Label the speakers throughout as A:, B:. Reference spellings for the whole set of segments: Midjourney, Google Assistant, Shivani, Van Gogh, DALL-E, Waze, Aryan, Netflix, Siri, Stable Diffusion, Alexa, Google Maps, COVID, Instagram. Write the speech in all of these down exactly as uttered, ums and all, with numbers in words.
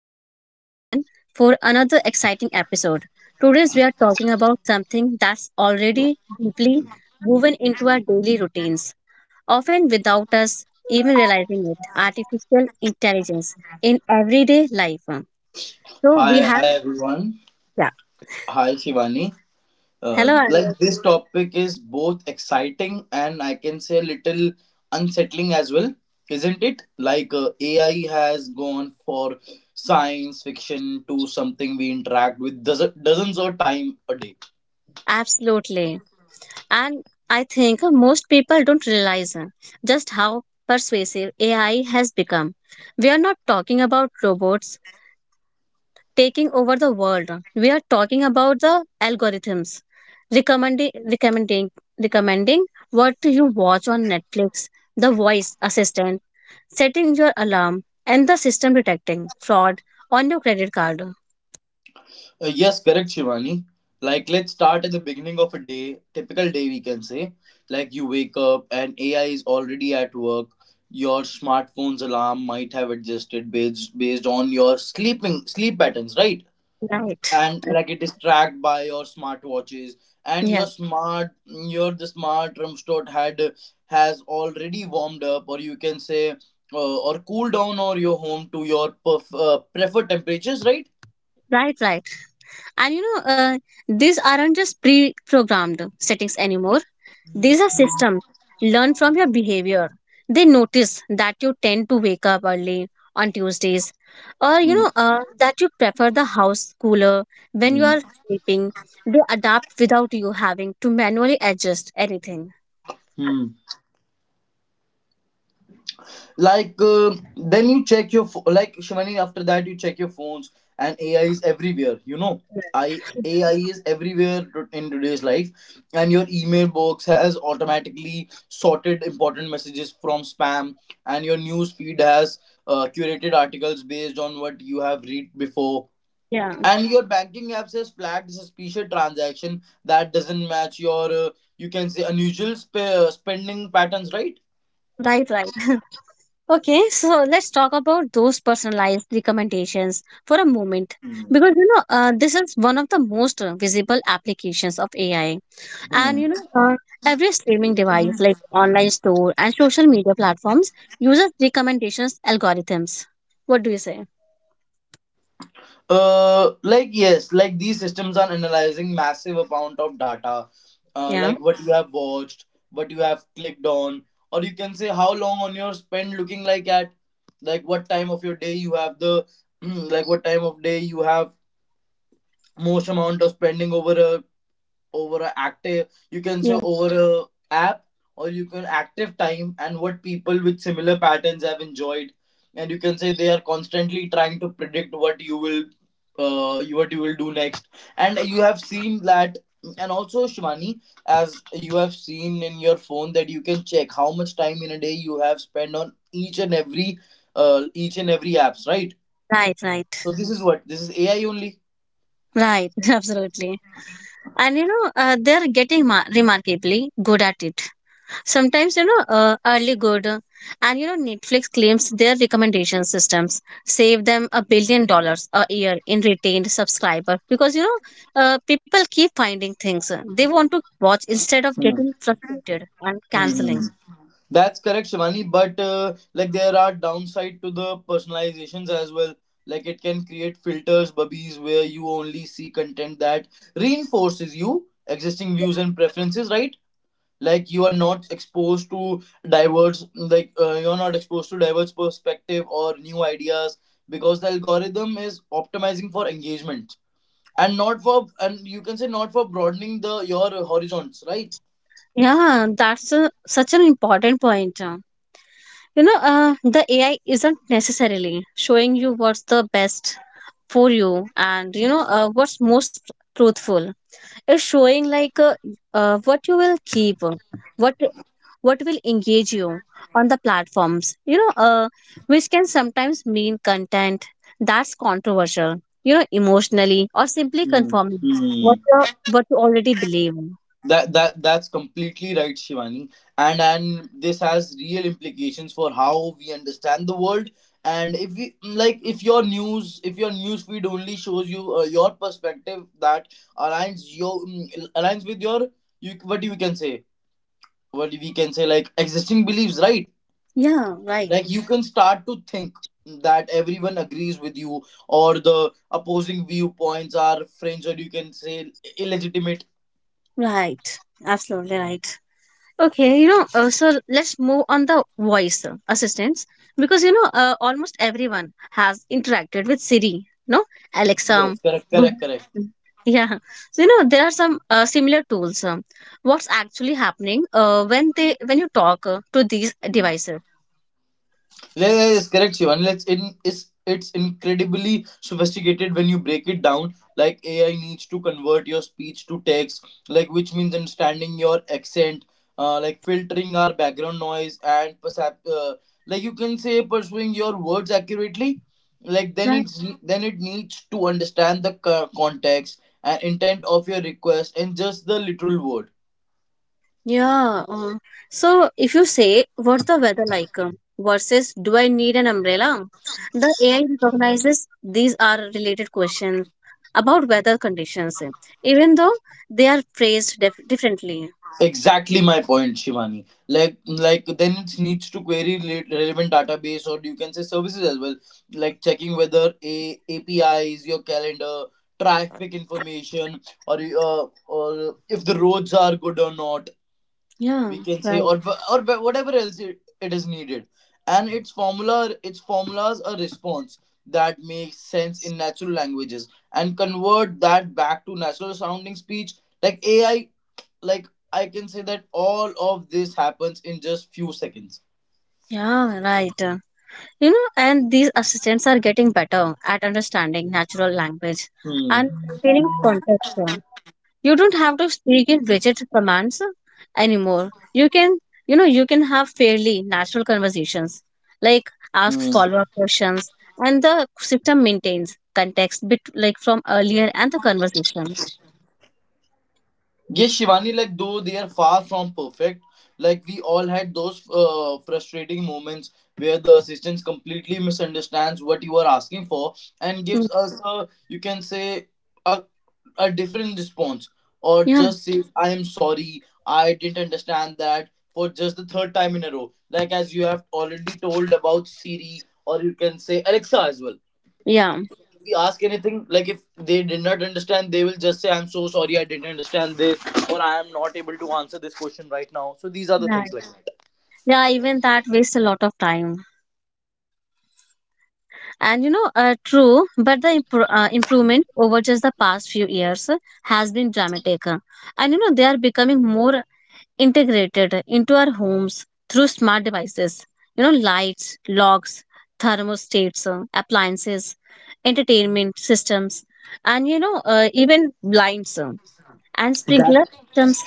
A: with Aryan for another exciting episode. Today, we are talking about something that's already deeply woven into our daily routines, often without us even realizing it artificial intelligence in everyday life. So, we
B: Hi, hi
A: have,
B: everyone.
A: yeah,
B: Hi, Shivani. Uh,
A: hello, Aryan.
B: like, this topic is both exciting and I can say little unsettling as well, isn't it? Like uh, A I has gone for science fiction to something we interact with dozen- dozens of time a day.
A: Absolutely. And I think most people don't realize uh, just how persuasive A I has become. We are not talking about robots taking over the world. We are talking about the algorithms, recommending, recommending, recommending what you watch on Netflix, the voice assistant, setting your alarm, and the system detecting fraud on your credit card.
B: Uh, yes, correct, Shivani. Like, let's start at the beginning of a day, typical day, we can say. Like, you wake up and A I is already at work. Your smartphone's alarm might have adjusted based, based on your sleeping sleep patterns, right?
A: Right.
B: And like it is tracked by your smartwatches and your
A: Yeah,
B: smart your the smart Rumstort had has already warmed up, or you can say, uh, or cooled down, or your home to your perf- uh, preferred temperatures, right?
A: right, right. And you know, uh, these aren't just pre programmed settings anymore. These are systems. Learn from your behavior. They notice that you tend to wake up early on Tuesdays, or you
B: Hmm.
A: know uh, that you prefer the house cooler when you are sleeping. They adapt without you having to manually adjust anything.
B: Hmm. Like uh, then you check your pho- like, Shivani, after that you check your phones. And AI is everywhere, you know I AI is everywhere to- in today's life. And your email box has automatically sorted important messages from spam. And your news feed has uh, curated articles based on what you have read before.
A: Yeah,
B: And your banking apps has flagged suspicious transaction that doesn't match your uh, you can say, unusual sp- spending patterns, right?
A: right, right. Okay, so let's talk about those personalized recommendations for a moment
B: Hmm.
A: because you know uh, this is one of the most uh, visible applications of A I. And you know, uh, every streaming device like online store and social media platforms uses recommendations algorithms. What do you say?
B: Uh, like, yes, like these systems are analyzing massive amount of data, uh,
A: Yeah.
B: like what you have watched, what you have clicked on, or you can say, how long on your spend looking like at, like what time of your day you have the, like what time of day you have most amount of spending over a over a active, you can say,
A: Yeah.
B: over a app, or you can active time, and what people with similar patterns have enjoyed. And you can say, they are constantly trying to predict what you will uh, you- what you will do next. And you have seen that. And also Shivani, as you have seen in your phone, that you can check how much time in a day you have spent on each and every uh, each and every apps, right?
A: Right. Right.
B: So this is what, this is AI only.
A: Right. Absolutely. And you know, uh, they're getting ma- remarkably good at it. Sometimes you know uh, early good uh, and you know Netflix claims their recommendation systems save them a billion dollars a year in retained subscriber, because you know uh, people keep finding things uh, they want to watch instead of getting frustrated and
B: Hmm.
A: canceling.
B: That's correct, Shivani. But uh, like, there are downside to the personalizations as well. Like, it can create filters, bubbies, where you only see content that reinforces you existing views and preferences, right? Like, you are not exposed to diverse, like uh, you're not exposed to diverse perspective or new ideas, because the algorithm is optimizing for engagement and not for, and you can say, not for broadening the your horizons, right?
A: Yeah, that's a, such an important point. uh. You know uh, the AI isn't necessarily showing you what's the best for you, and you know uh, what's most truthful is showing like uh, uh, what you will keep, what what will engage you on the platforms, you know uh, which can sometimes mean content that's controversial, you know emotionally, or simply
B: Hmm.
A: confirming what uh, what you already believe.
B: that that that's completely right, Shivani. And and this has real implications for how we understand the world. And if we like, if your news if your news feed only shows you uh, your perspective that aligns your mm, aligns with your, you what you can say, what we can say, like, existing beliefs, right?
A: Yeah, right,
B: Like, you can start to think that everyone agrees with you, or the opposing viewpoints are fringe, or you can say, illegitimate.
A: right. Absolutely right. Okay, you know, uh, so let's move on the voice uh, assistants, because you know uh, almost everyone has interacted with Siri, no, Alexa,
B: Yes, correct,
A: Google.
B: correct, correct.
A: Assistant. Yeah, so you know there are some uh, similar tools. Um, what's actually happening uh, when they when you talk uh, to these devices?
B: Yeah, yeah, yes, correct, Shivan. Let's in, is it's incredibly sophisticated when you break it down. Like, A I needs to convert your speech to text, like, which means understanding your accent, uh, like, filtering our background noise and percep- uh, like, you can say, pursuing your words accurately. Like, then it's then it needs to understand the co- context and intent of your request, and just the literal word.
A: Yeah. Uh, so if you say, what's the weather like um, versus do I need an umbrella? The A I recognizes these are related questions about weather conditions, eh, even though they are phrased dif- differently.
B: Exactly my point, Shivani. Like, like then it needs to query re- relevant database, or you can say, services as well. Like, checking whether a APIs, your calendar, traffic information, or uh, or if the roads are good or not.
A: Yeah,
B: We can say,
A: right.
B: or wh- or wh- whatever else it, it is needed. And its formula, its formulas a response that makes sense in natural languages, and convert that back to natural sounding speech. Like, AI, like, I can say that all of this happens in just few seconds.
A: Yeah, right. Uh, You know, and these assistants are getting better at understanding natural language and
B: Hmm.
A: feeling context. uh, you don't have to speak in rigid commands anymore. You can, you know, you can have fairly natural conversations, like ask
B: Hmm.
A: follow-up questions, and the system maintains context bit like from earlier and the conversation.
B: Yes, Shivani, like, though they are far from perfect, like, we all had those uh, frustrating moments where the assistant completely misunderstands what you are asking for, and
A: Mm,
B: gives us a, you can say, a, a different response, or
A: yeah,
B: just says, I am sorry, I didn't understand that, for just the third time in a row. Like, as you have already told about Siri, or you can say, Alexa as well.
A: yeah,
B: We ask anything, like, if they did not understand, they will just say, I'm so sorry, I didn't understand this, or I am not able to answer this question right now. So these are the things,
A: right,
B: like that.
A: yeah, even that wastes a lot of time. And you know uh, true, but the impro- uh, improvement over just the past few years has been dramatic, and you know they are becoming more integrated into our homes through smart devices, you know lights, locks, thermostats, uh, appliances, entertainment systems, and you know uh, even blinds uh, and sprinkler
B: That
A: systems.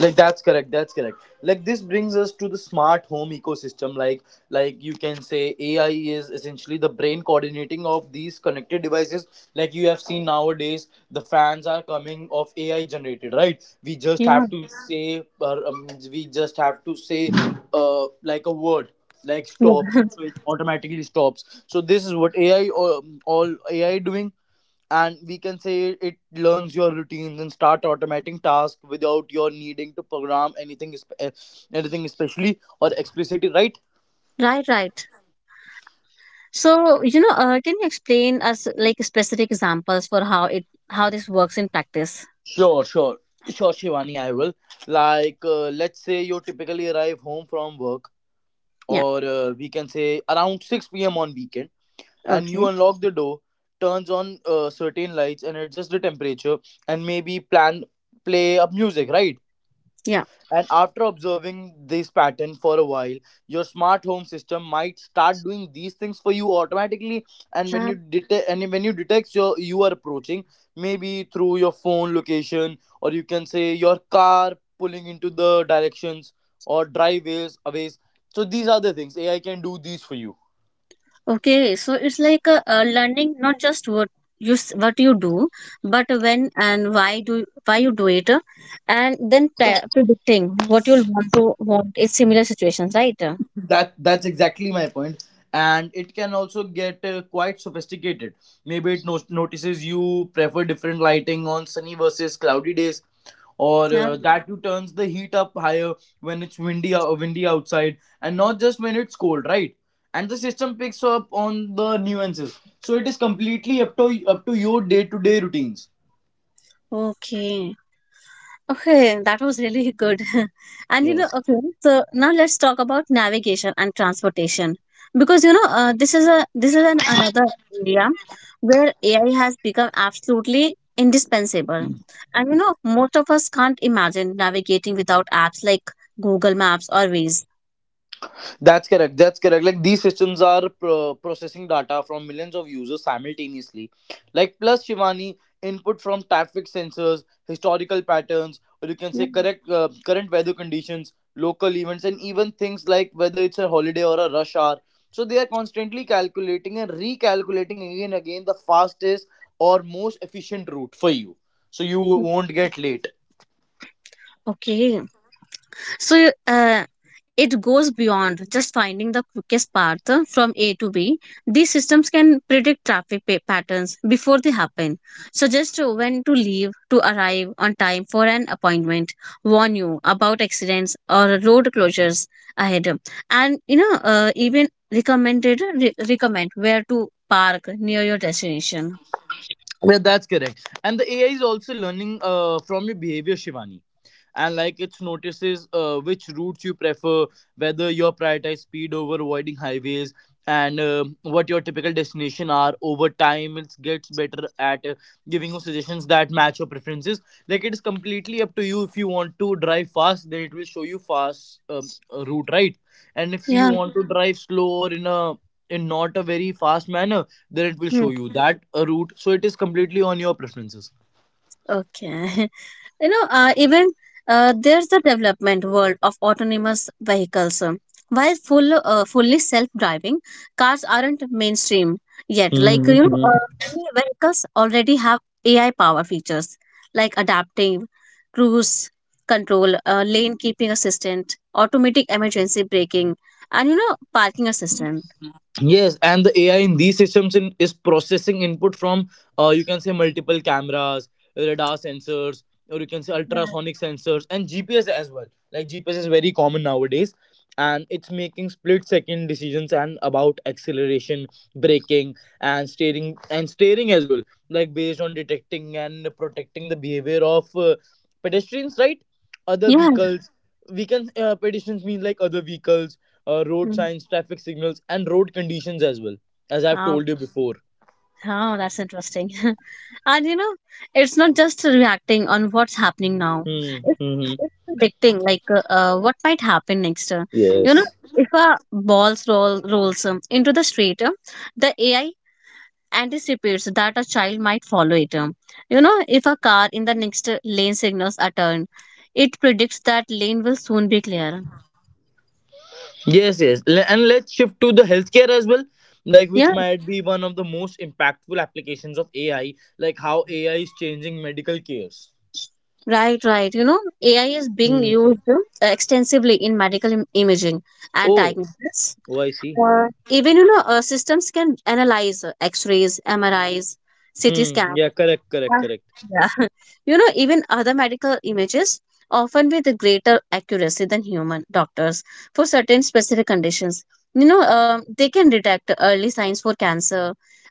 B: like that's correct, that's correct. Like, this brings us to the smart home ecosystem. like like you can say, AI is essentially the brain coordinating of these connected devices. Like, you have seen nowadays the fans are coming of AI generated, right? We just
A: Yeah,
B: have to say, or um, we just have to say uh, like a word like stop,
A: yeah.
B: so it automatically stops. So this is what AI, or all AI doing. And we can say, it learns your routines and start automating tasks without your needing to program anything espe- eh, anything especially or explicitly, right?
A: Right, right. So you know uh, can you explain us like specific examples for how it how this works in practice?
B: Sure, sure, sure, Shivani, I will. Like uh, let's say you typically arrive home from work,
A: Yeah,
B: or uh, we can say, around six p m on weekend, and you
A: okay,
B: unlock the door, turns on uh, certain lights, and adjust the temperature, and maybe plan, play up music, right?
A: yeah.
B: And after observing this pattern for a while, your smart home system might start doing these things for you automatically. And when you detect and when you detect your you are approaching, maybe through your phone location, or you can say, your car pulling into the directions, or driveways aways. So these are the things A I can do these for you.
A: Okay, so it's like a uh, learning, not just what you s- what you do, but when and why do why you do it, uh, and then pre- predicting what you'll want to want in similar situations, right?
B: that that's exactly my point. And it can also get uh, quite sophisticated. Maybe it no- notices you prefer different lighting on sunny versus cloudy days, or
A: Yeah.
B: uh, that you turns the heat up higher when it's windy uh, windy outside, and not just when it's cold, right? And the system picks up on the nuances, so it is completely up to up to your day to day routines.
A: Okay. Okay, that was really good. And you know, okay, so now let's talk about navigation and transportation, because you know uh, this is a this is an another area where A I has become absolutely indispensable. And you know, most of us can't imagine navigating without apps like Google Maps or Waze.
B: That's correct, that's correct. Like, these systems are pro- processing data from millions of users simultaneously. Like, plus Shivani, input from traffic sensors, historical patterns, or you can
A: Yeah.
B: say, correct uh, current weather conditions, local events, and even things like whether it's a holiday or a rush hour. So they are constantly calculating and recalculating again and again the fastest or most efficient route for you, so you won't get late.
A: Okay. So uh, it goes beyond just finding the quickest path from A to B. These systems can predict traffic pa- patterns before they happen, suggest when to leave to arrive on time for an appointment, warn you about accidents or road closures ahead, and you know uh, even recommended re- recommend where to park near your destination.
B: Yeah, that's correct. And the A I is also learning uh, from your behavior, Shivani. And like, it notices uh, which routes you prefer, whether you're prioritize speed over avoiding highways, and um what your typical destination are. Over time, it gets better at uh, giving you suggestions that match your preferences. Like, it is completely up to you. If you want to drive fast, then it will show you fast um, uh, route, right? And if you
A: Yeah.
B: want to drive slow, or in a, in not a very fast manner, then it will show
A: Hmm.
B: you that a route. So it is completely on your preferences.
A: Okay. You know uh, even uh, there's the development world of autonomous vehicles. Um, while full uh, fully self-driving cars aren't mainstream yet, like you know
B: Hmm.
A: uh, many vehicles already have AI power features like adaptive cruise control, uh, lane keeping assistant, automatic emergency braking, and you know parking assistant.
B: Yes, and the A I in these systems in, is processing input from uh, you can say, multiple cameras, radar sensors, or you can say,
A: Yeah,
B: ultrasonic sensors and G P S as well. Like, G P S is very common nowadays, and it's making split second decisions, and about acceleration, braking, and steering and steering as well. Like, based on detecting and protecting the behavior of uh, pedestrians, right? Other
A: yeah.
B: vehicles. We can, uh, pedestrians mean, like, other vehicles, uh, road
A: Hmm.
B: signs, traffic signals, and road conditions as well, as I've
A: Wow.
B: told you before.
A: Oh, that's interesting. And you know, it's not just reacting on what's happening now.
B: Hmm.
A: It's,
B: Hmm.
A: it's predicting like uh, uh, what might happen next. Uh, you know,
B: Yes.
A: if a ball roll rolls um, into the street, um, the A I anticipates that a child might follow it. um. You know, if a car in the next uh, lane signals a turn, it predicts that lane will soon be clear.
B: Yes, yes. Le- And let's shift to the healthcare as well, like, which
A: Yeah,
B: might be one of the most impactful applications of A I, like how A I is changing medical cares.
A: right, right. You know, A I is being
B: Hmm.
A: used uh, extensively in medical im- imaging and
B: Oh,
A: diagnosis.
B: oh, I see.
A: Uh, even you know uh, systems can analyze uh, x-rays, mris, ct
B: Hmm.
A: scan.
B: Yeah, correct, correct,
A: Uh,
B: correct.
A: yeah you know even other medical images, often with greater accuracy than human doctors for certain specific conditions. You know um, they can detect early signs for cancer,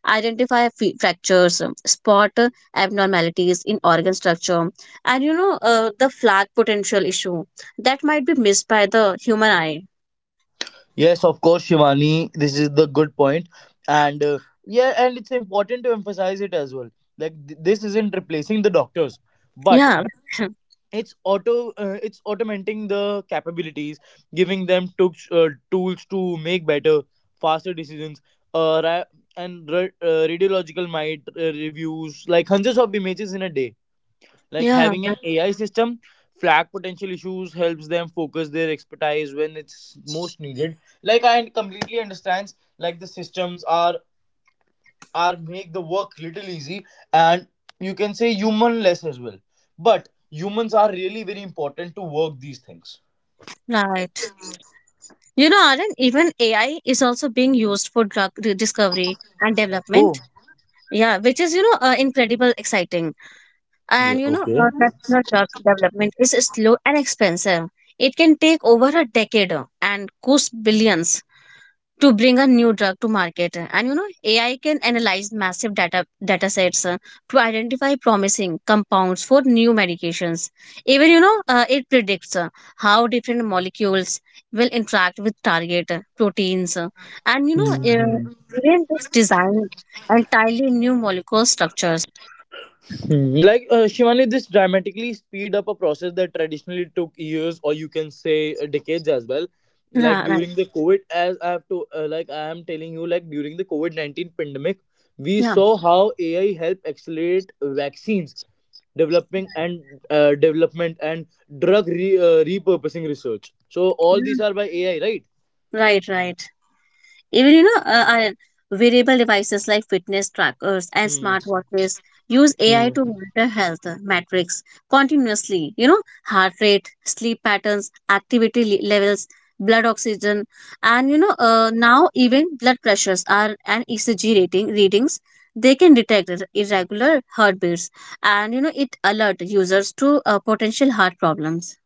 A: identify f- fractures, um, spot uh, abnormalities in organ structure, and you know uh, the flag potential issue that might be missed by the human eye.
B: Yes, of course, Shivani. This is the good point, and uh, yeah, and it's important to emphasize it as well. Like, th- this isn't replacing the doctors, but
A: Yeah,
B: it's auto uh, it's automating the capabilities, giving them to, uh, tools to make better, faster decisions, uh, ra- and ra- uh, radiological might uh, reviews like hundreds of images in a day, like
A: yeah,
B: having an AI system flag potential issues helps them focus their expertise when it's most needed. Like, I completely understands, like the systems are are make the work little easy, and you can say, human less as well. But humans are really very important to work these things.
A: right. You know, Arun, even A I is also being used for drug re- discovery and
B: Oh,
A: development. Yeah, which is, you know, uh, incredible exciting.
B: yeah,
A: And, you know,
B: okay.
A: uh, traditional drug development is slow and expensive. It can take over a decade uh, and cost billions to bring a new drug to market. Uh, and you know AI can analyze massive data data sets uh, to identify promising compounds for new medications. Even you know uh, it predicts uh, how different molecules will interact with target uh, proteins, uh, and you know uh,
B: Mhm.
A: even this design entirely new molecule structures.
B: Hmm, like uh, Shivani, this dramatically speed up a process that traditionally took years, or you can say, uh, decades as well. Like
A: Right, right.
B: during the COVID, as I have to, uh, like I am telling you, like during the COVID nineteen pandemic, we
A: Yeah.
B: saw how A I helped accelerate vaccines developing and uh, development and drug re- uh, repurposing research. So all these
A: Yeah.
B: are by AI, right?
A: Right, right. Even you know, uh, uh, wearable devices like fitness trackers and
B: Hmm.
A: smartwatches use A I
B: Hmm.
A: to monitor health metrics continuously. You know, heart rate, sleep patterns, activity le- levels, blood oxygen, and you know, uh, now even blood pressures are and E C G rating readings. They can detect ir- irregular heartbeats, and you know, it alert users to uh, potential heart problems.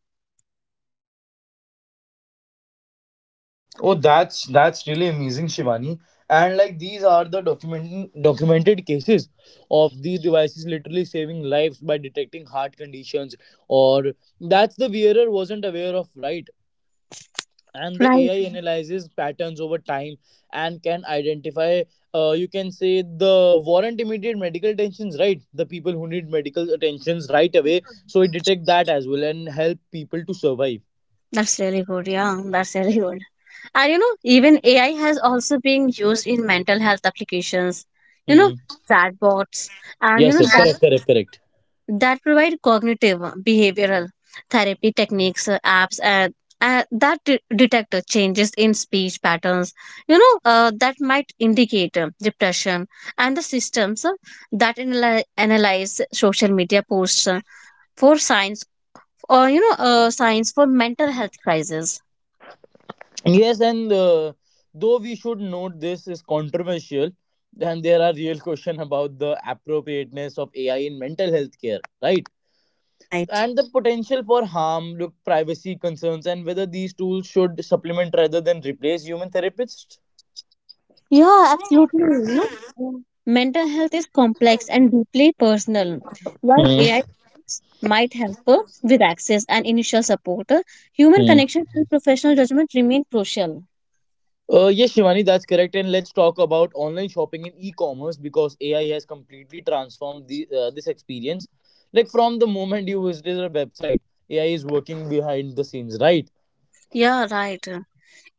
B: Oh, that's that's really amazing, Shivani. And like these are the document documented cases of these devices literally saving lives by detecting heart conditions, or that's the wearer wasn't aware of, right? And the
A: Right.
B: AI analyzes patterns over time and can identify, uh, you can say, the warrant immediate medical attentions, right? The people who need medical attentions right away, so it detect that as well and help people to survive.
A: That's really good. Yeah, that's really good. And you know, even A I has also been used in mental health applications, you know,
B: Hmm.
A: chatbots, and you
B: Yes,
A: know
B: yes,
A: that
B: correct, correct, correct.
A: that provide cognitive uh, behavioral therapy techniques, uh, apps, and uh, that de- detect uh, changes in speech patterns, you know, uh, that might indicate uh, depression, and the systems uh, that analy- analyze social media posts uh, for signs, or you know, uh, signs for mental health crisis.
B: Yes, and uh, though we should note this is controversial, and there are real question about the appropriateness of AI in mental health care, right?
A: Right.
B: And the potential for harm, look, privacy concerns, and whether these tools should supplement rather than replace human therapists.
A: Yeah, absolutely. You know, Mm. mental health is complex and deeply personal. While
B: Hmm.
A: A I tools might help uh, with access and initial support, uh, human
B: Hmm.
A: connection and professional judgment remain crucial.
B: Uh, yes, Shivani, that's correct. And let's talk about online shopping and e-commerce because A I has completely transformed the uh, this experience. Like from the moment you visited a website, A I is working behind the scenes, right?
A: Yeah, right.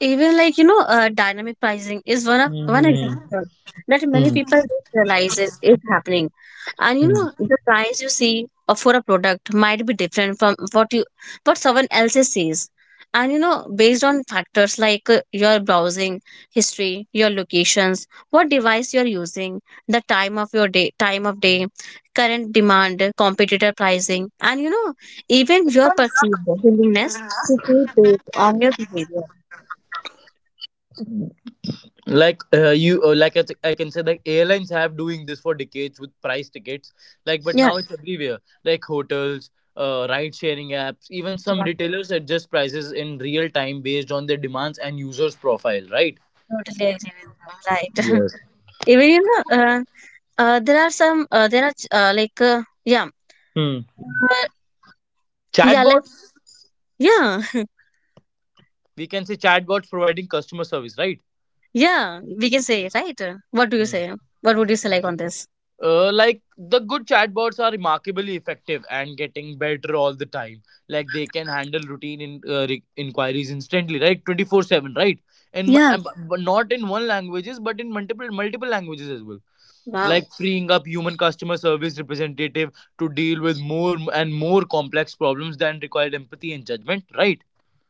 A: Even like you know, uh, dynamic pricing is one of one
B: Hmm.
A: example that many
B: Hmm.
A: people don't realize it is happening. And you know, the price you see uh, for a product might be different from what you what someone else sees. And you know, based on factors like uh, your browsing history, your locations, what device you are using, the time of your day, time of day, current demand, competitor pricing, and you know, even your perceived willingness to pay based on your behavior.
B: Like uh, you uh, like I, th- I can say like airlines have doing this for decades with price tickets, like, but
A: Yeah,
B: now it's everywhere, like hotels, uh, ride sharing apps, even some retailers adjust prices in real time based on their demands and users profile, right?
A: right. Totally agree with you. Right.
B: Yes.
A: Even you know, uh, uh, there are some, uh, there are uh, like, uh, yeah,
B: Hmm.
A: uh, yeah, like,
B: Chatbots.
A: yeah,
B: We can say chatbots providing customer service, right?
A: yeah, we can say, right? What do you
B: Hmm.
A: say? What would you say like on this?
B: Uh, like the good chatbots are remarkably effective and getting better all the time. Like they can handle routine in, uh, re- inquiries instantly, right? Twenty four seven, right? And mu-
A: Yeah.
B: and bu- but not in one languages, but in multiple multiple languages as well.
A: Wow.
B: Like freeing up human customer service representative to deal with more and more complex problems than required empathy and judgment, right?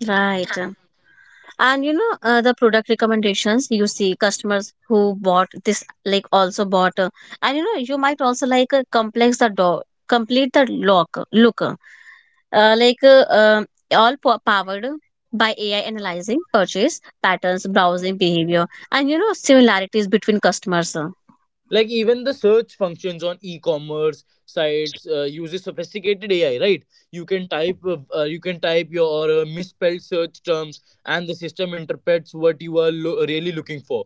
A: Right. And you know, uh, the product recommendations, you see customers who bought this, like, also bought, uh, and you know, you might also like uh, complex the door, complete the lock, look. uh, like uh, um, all po- powered by A I analyzing purchase patterns, browsing behavior, and you know similarities between customers. uh.
B: Like even the search functions on e-commerce sites uh, uses sophisticated AI, right? You can
A: Yeah.
B: type uh, uh, you can type your uh, misspelled search terms, and the system interprets what you are lo- really looking for.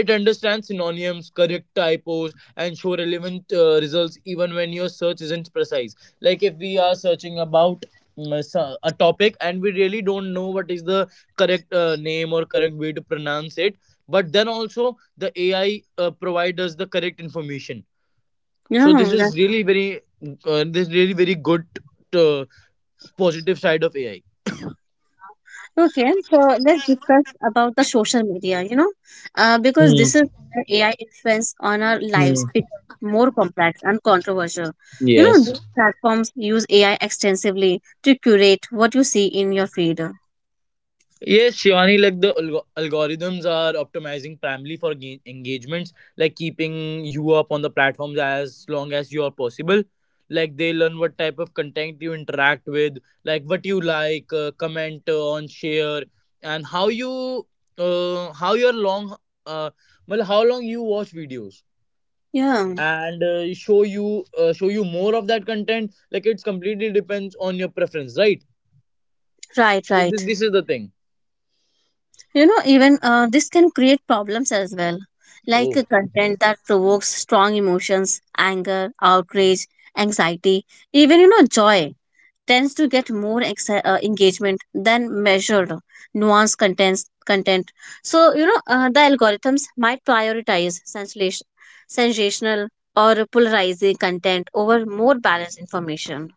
B: It understands synonyms, correct typos, and show relevant uh, results even when your search isn't precise. Like if we are searching about, mm, so- a topic, and we really don't know what is the correct uh, name or correct way to pronounce it, but then also the A I uh, provide us the correct information. So this
A: Yeah, that,
B: is really very uh, this really very good, uh, positive side of A I.
A: okay. So let's discuss about the social media. You know, uh, because
B: Hmm.
A: this is where A I influence on our
B: Hmm.
A: lives becomes more complex and controversial. You know,
B: Yes.
A: these platforms use A I extensively to curate what you see in your feed.
B: Yes, Shivani, like the alg- algorithms are optimizing primarily for ga- engagements, like keeping you up on the platforms as long as you are possible. Like they learn what type of content you interact with, like what you like, uh, comment on, share, and how you, uh, how your long, uh, well, how long you watch videos,
A: Yeah,
B: and uh, show you, uh, show you more of that content. Like it's completely depends on your preference, right?
A: right,
B: So thi-
A: right.
B: This is the thing.
A: You know even uh, this can create problems as well, like
B: Oh.
A: uh, content that provokes strong emotions, anger, outrage, anxiety, even you know joy, tends to get more ex- uh, engagement than measured nuanced contents content. So you know uh, the algorithms might prioritize sensation, sensational or polarizing content over more balanced information.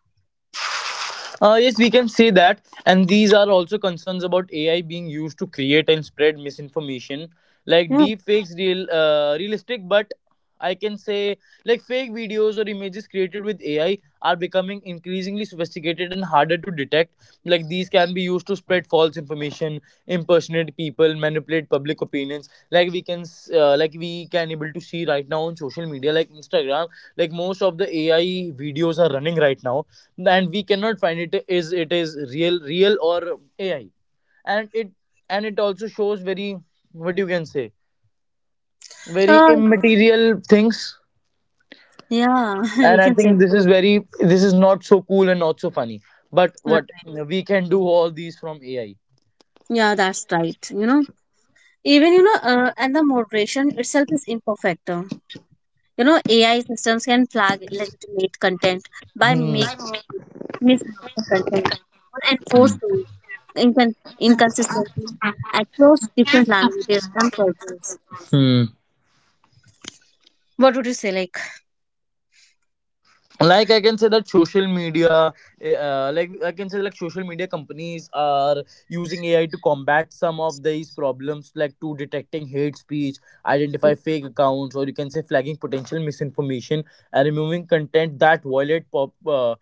B: Uh, yes, we can say that. And these are also concerns about A I being used to create and spread misinformation, like
A: Yeah,
B: deep fakes, real, uh, realistic, but I can say like fake videos or images created with A I are becoming increasingly sophisticated and harder to detect. Like these can be used to spread false information, impersonate people, manipulate public opinions. Like we can s- uh, like we can able to see right now on social media, like Instagram, like most of the AI videos are running right now, and we cannot find it is it is real real or AI. And it, and it also shows very, what you can say, very
A: uh,
B: immaterial things.
A: yeah, we
B: And
A: can
B: I
A: say
B: think this is very, this is not so cool and not so funny, but
A: that.
B: what we can do, all these from AI.
A: Yeah, that's right, you know. Even you know, uh, and the moderation itself is imperfect. uh, You know, A I systems can flag illegitimate content by
B: Hmm.
A: make misleading content or enforce
B: Hmm.
A: rules, incon- inconsistency across different languages and cultures.
B: Hmm.
A: What would you say? Like,
B: Like I can say that social media, eh, uh, like I can say like social media companies are using AI to combat some of these problems, like to detecting hate speech, identify fake accounts, or you can say flagging potential misinformation, and removing content that violate pop, uh,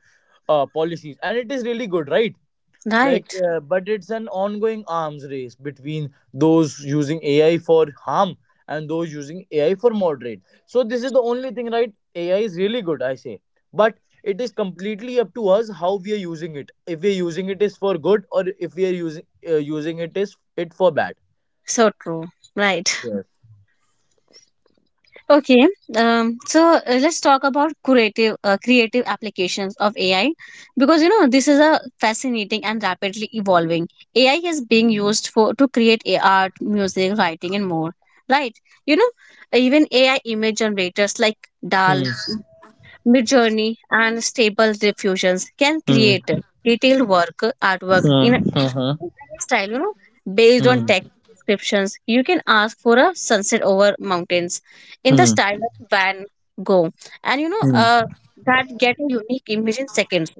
B: uh, policies, and it is really good, right? Like
A: right?
B: uh, but it's an ongoing arms race between those using AI for harm and those using AI for moderate. So this is the only thing, right? AI is really good, I say, but it is completely up to us how we are using it. If we are using it is for good, or if we are using uh, using it is it for bad.
A: So true. Right.
B: Yes.
A: Okay, um, so uh, let's talk about creative uh, creative applications of A I, because you know this is a fascinating and rapidly evolving. A I is being used for to create a- art, music, writing, and more. Right? You know, even A I image generators like
B: Hmm.
A: D A L, Midjourney, and Stable Diffusions can
B: Hmm.
A: create detailed work artwork
B: Hmm.
A: in
B: Huh.
A: style, you know, based on
B: Hmm.
A: text descriptions. You can ask for a sunset over mountains in the
B: Hmm.
A: style of Van Gogh, and you know,
B: Hmm.
A: uh, that get a unique image in seconds.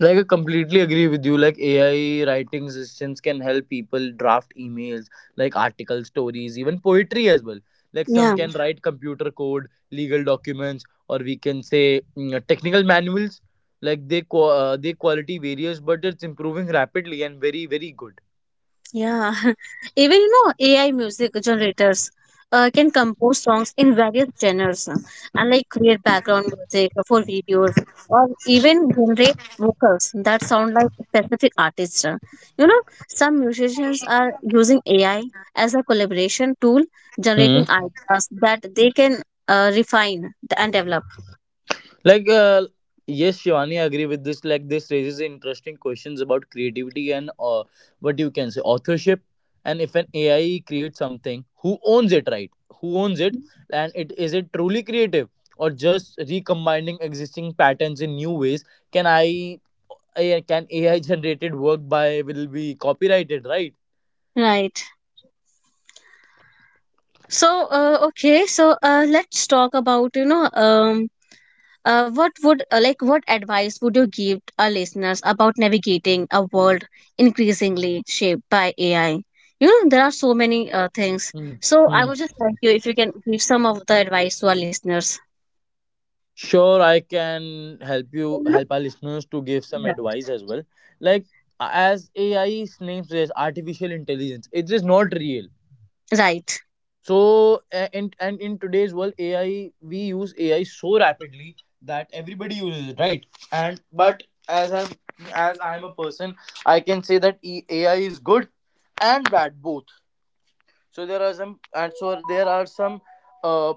B: Like I completely agree with you. Like A I writing systems can help people draft emails, like article stories, even poetry as well. Like some
A: Yeah.
B: can write computer code, legal documents, or we can say, mm, uh, technical manuals. Like they qua uh, they quality varies, but it's improving rapidly and very very good.
A: Yeah, even you know A I music generators uh, can compose songs in various genres, uh, and like create background music for videos or even generate vocals that sound like specific artists. uh. You know, some musicians are using A I as a collaboration tool, generating ideas that they can uh, refine and develop.
B: Like, uh, yes, Shivani, I agree with this. Like, this raises interesting questions about creativity and, uh, what you can say, authorship. And if an A I creates something, who owns it, right? Who owns it? And it is it truly creative, or just recombining existing patterns in new ways? Can I, I can A I generated work by will be copyrighted, right?
A: Right. So, uh, okay, so uh, let's talk about you know um Uh, what would uh, like what advice would you give our listeners about navigating a world increasingly shaped by A I? You know, there are so many uh, things.
B: Hmm.
A: So I
B: Hmm.
A: would just like you if you can give some of the advice to our listeners.
B: Sure, I can help you
A: Yeah.
B: help our listeners to give some advice as well. Like, as A I's name says, artificial intelligence, it is not real.
A: Right.
B: So a- and and in today's world, A I, we use A I so rapidly that everybody uses it, right? And but as I'm as I'm a person, I can say that E- A I is good and bad both. So there are some, and so there are some, uh,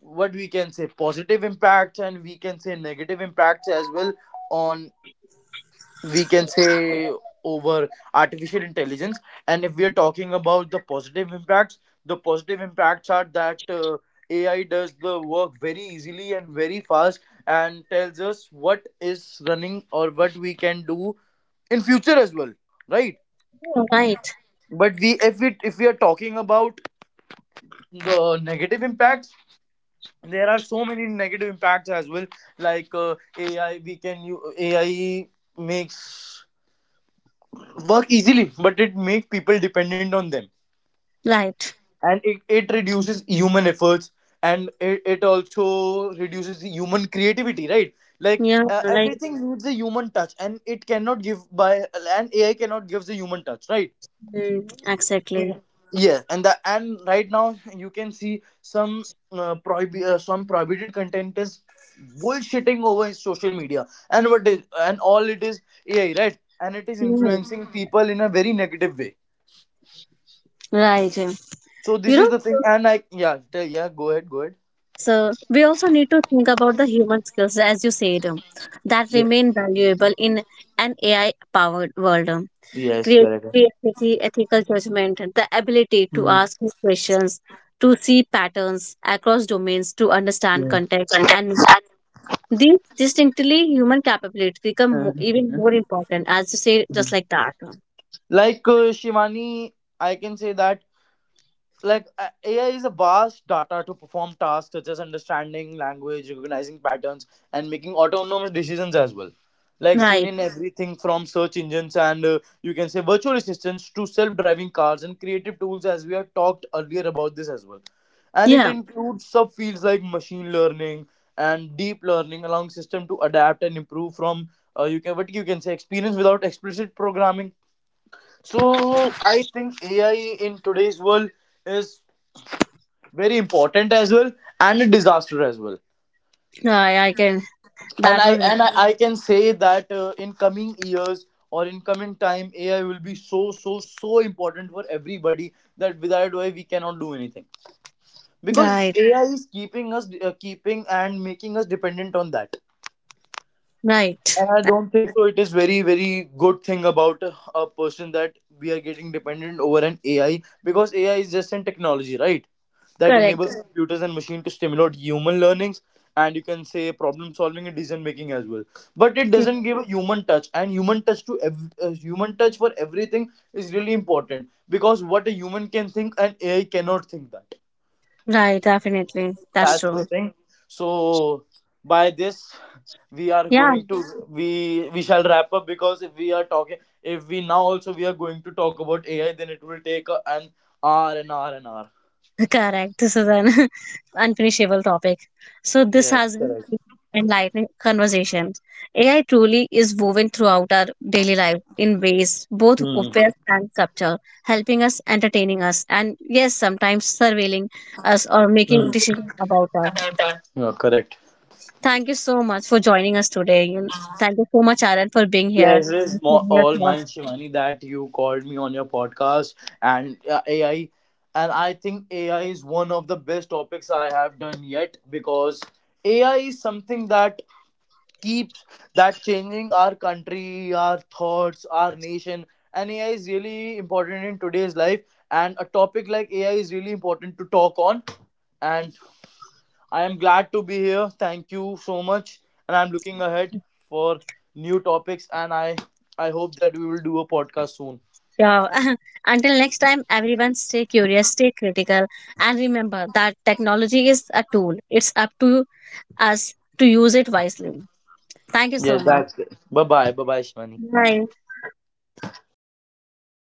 B: what we can say, positive impacts, and we can say negative impacts as well, on, we can say, over artificial intelligence. And if we are talking about the positive impacts, the positive impacts are that, uh, AI does the work very easily and very fast, and tells us what is running or what we can do in future as well, right?
A: Yeah. Right.
B: But we, if we if we are talking about the negative impact, there are so many negative impacts as well. Like uh, ai we can u- AI makes work easily, but it makes people dependent on them,
A: Right.
B: and it, it reduces human efforts, and it, it also reduces the human creativity, right? Like
A: Yeah,
B: uh,
A: like
B: everything needs a human touch, and it cannot give by, and AI cannot give the human touch, right?
A: mm, exactly.
B: Yes, and the, and right now you can see some uh, prohib- uh, some prohibited content is bullshitting over in social media, and what is and all it is A I, right? And it is
A: Yeah.
B: influencing Mhm. people in a very negative way.
A: Right. Yeah.
B: So
A: You
B: this is
A: know,
B: the thing, and I yeah tell, yeah go ahead, go ahead.
A: so we also need to think about the human skills, as you said, um, that
B: Yeah.
A: remain valuable in an A I-powered world. um.
B: Yes, correct.
A: Creativity, ethical judgment, the ability to
B: Hmm.
A: ask new questions, to see patterns across domains, to understand
B: Yeah.
A: context, and these distinctly human capabilities become mo- even
B: Mhm.
A: more important, as you say, just
B: Mhm.
A: like that.
B: Like uh, Shivani, I can say that like uh, a- AI is a vast data to perform tasks such as understanding language, recognizing patterns, and making autonomous decisions as well. Like seen
A: Right.
B: in everything from search engines and, uh, you can say, virtual assistants to self-driving cars and creative tools, as we had talked earlier about this as well. And it
A: Yeah.
B: includes subfields like machine learning and deep learning, allowing system to adapt and improve from uh, you can, what you can say, experience without explicit programming. So I think A I in today's world is very important as well and a disaster as well.
A: I, I can.
B: and
A: That
B: i
A: was it.
B: and i, I can say that uh, in coming years or in coming time, AI will be so so so important for everybody that without AI we cannot do anything, because
A: Right.
B: AI is keeping us, uh, keeping and making us dependent on that.
A: Right.
B: And I don't think so it is very, very good thing about a person that we are getting dependent over an A I, because A I is just an technology, right? That
A: Correct.
B: enables Correct. Computers and machine to stimulate human learnings, and you can say problem solving and decision making as well. But it
A: Yeah.
B: doesn't give a human touch, and human touch to ev- uh, human touch for everything is really important, because what a human can think, an A I cannot think that.
A: Right. Definitely. That's
B: That's the
A: true.
B: thing. So by this we are
A: Yeah.
B: going to, we we shall wrap up, because if we are talking, if we now also we are going to talk about AI, then it will take uh, an hour and hour and hour
A: Correct. This is an unfinishable topic. So this
B: Yes,
A: has been
B: correct.
A: enlightening conversation. A I truly is woven throughout our daily life in ways both
B: Hmm.
A: obvious and subtle, helping us, entertaining us, and yes, sometimes surveilling us or making
B: Hmm.
A: decisions about us.
B: Yeah, correct.
A: Thank you so much for joining us today. And thank you so much, Aaron, for being here
B: Pleasure
A: and
B: is mo-
A: sharing your
B: all
A: thoughts.
B: mine, Shivani, that you called me on your podcast and uh, A I. And I think A I is one of the best topics I have done yet, because A I is something that keeps, that changing our country, our thoughts, our nation. And A I is really important in today's life. And a topic like A I is really important to talk on. And I am glad to be here. Thank you so much. And I'm looking ahead for new topics. And I I hope that we will do a podcast soon.
A: Yeah. Until next time, everyone stay curious, stay critical, and remember that technology is a tool. It's up to us to use it wisely. Thank you
B: Yeah,
A: so much.
B: that's good. Bye bye. Bye bye, Shivani.
A: Bye.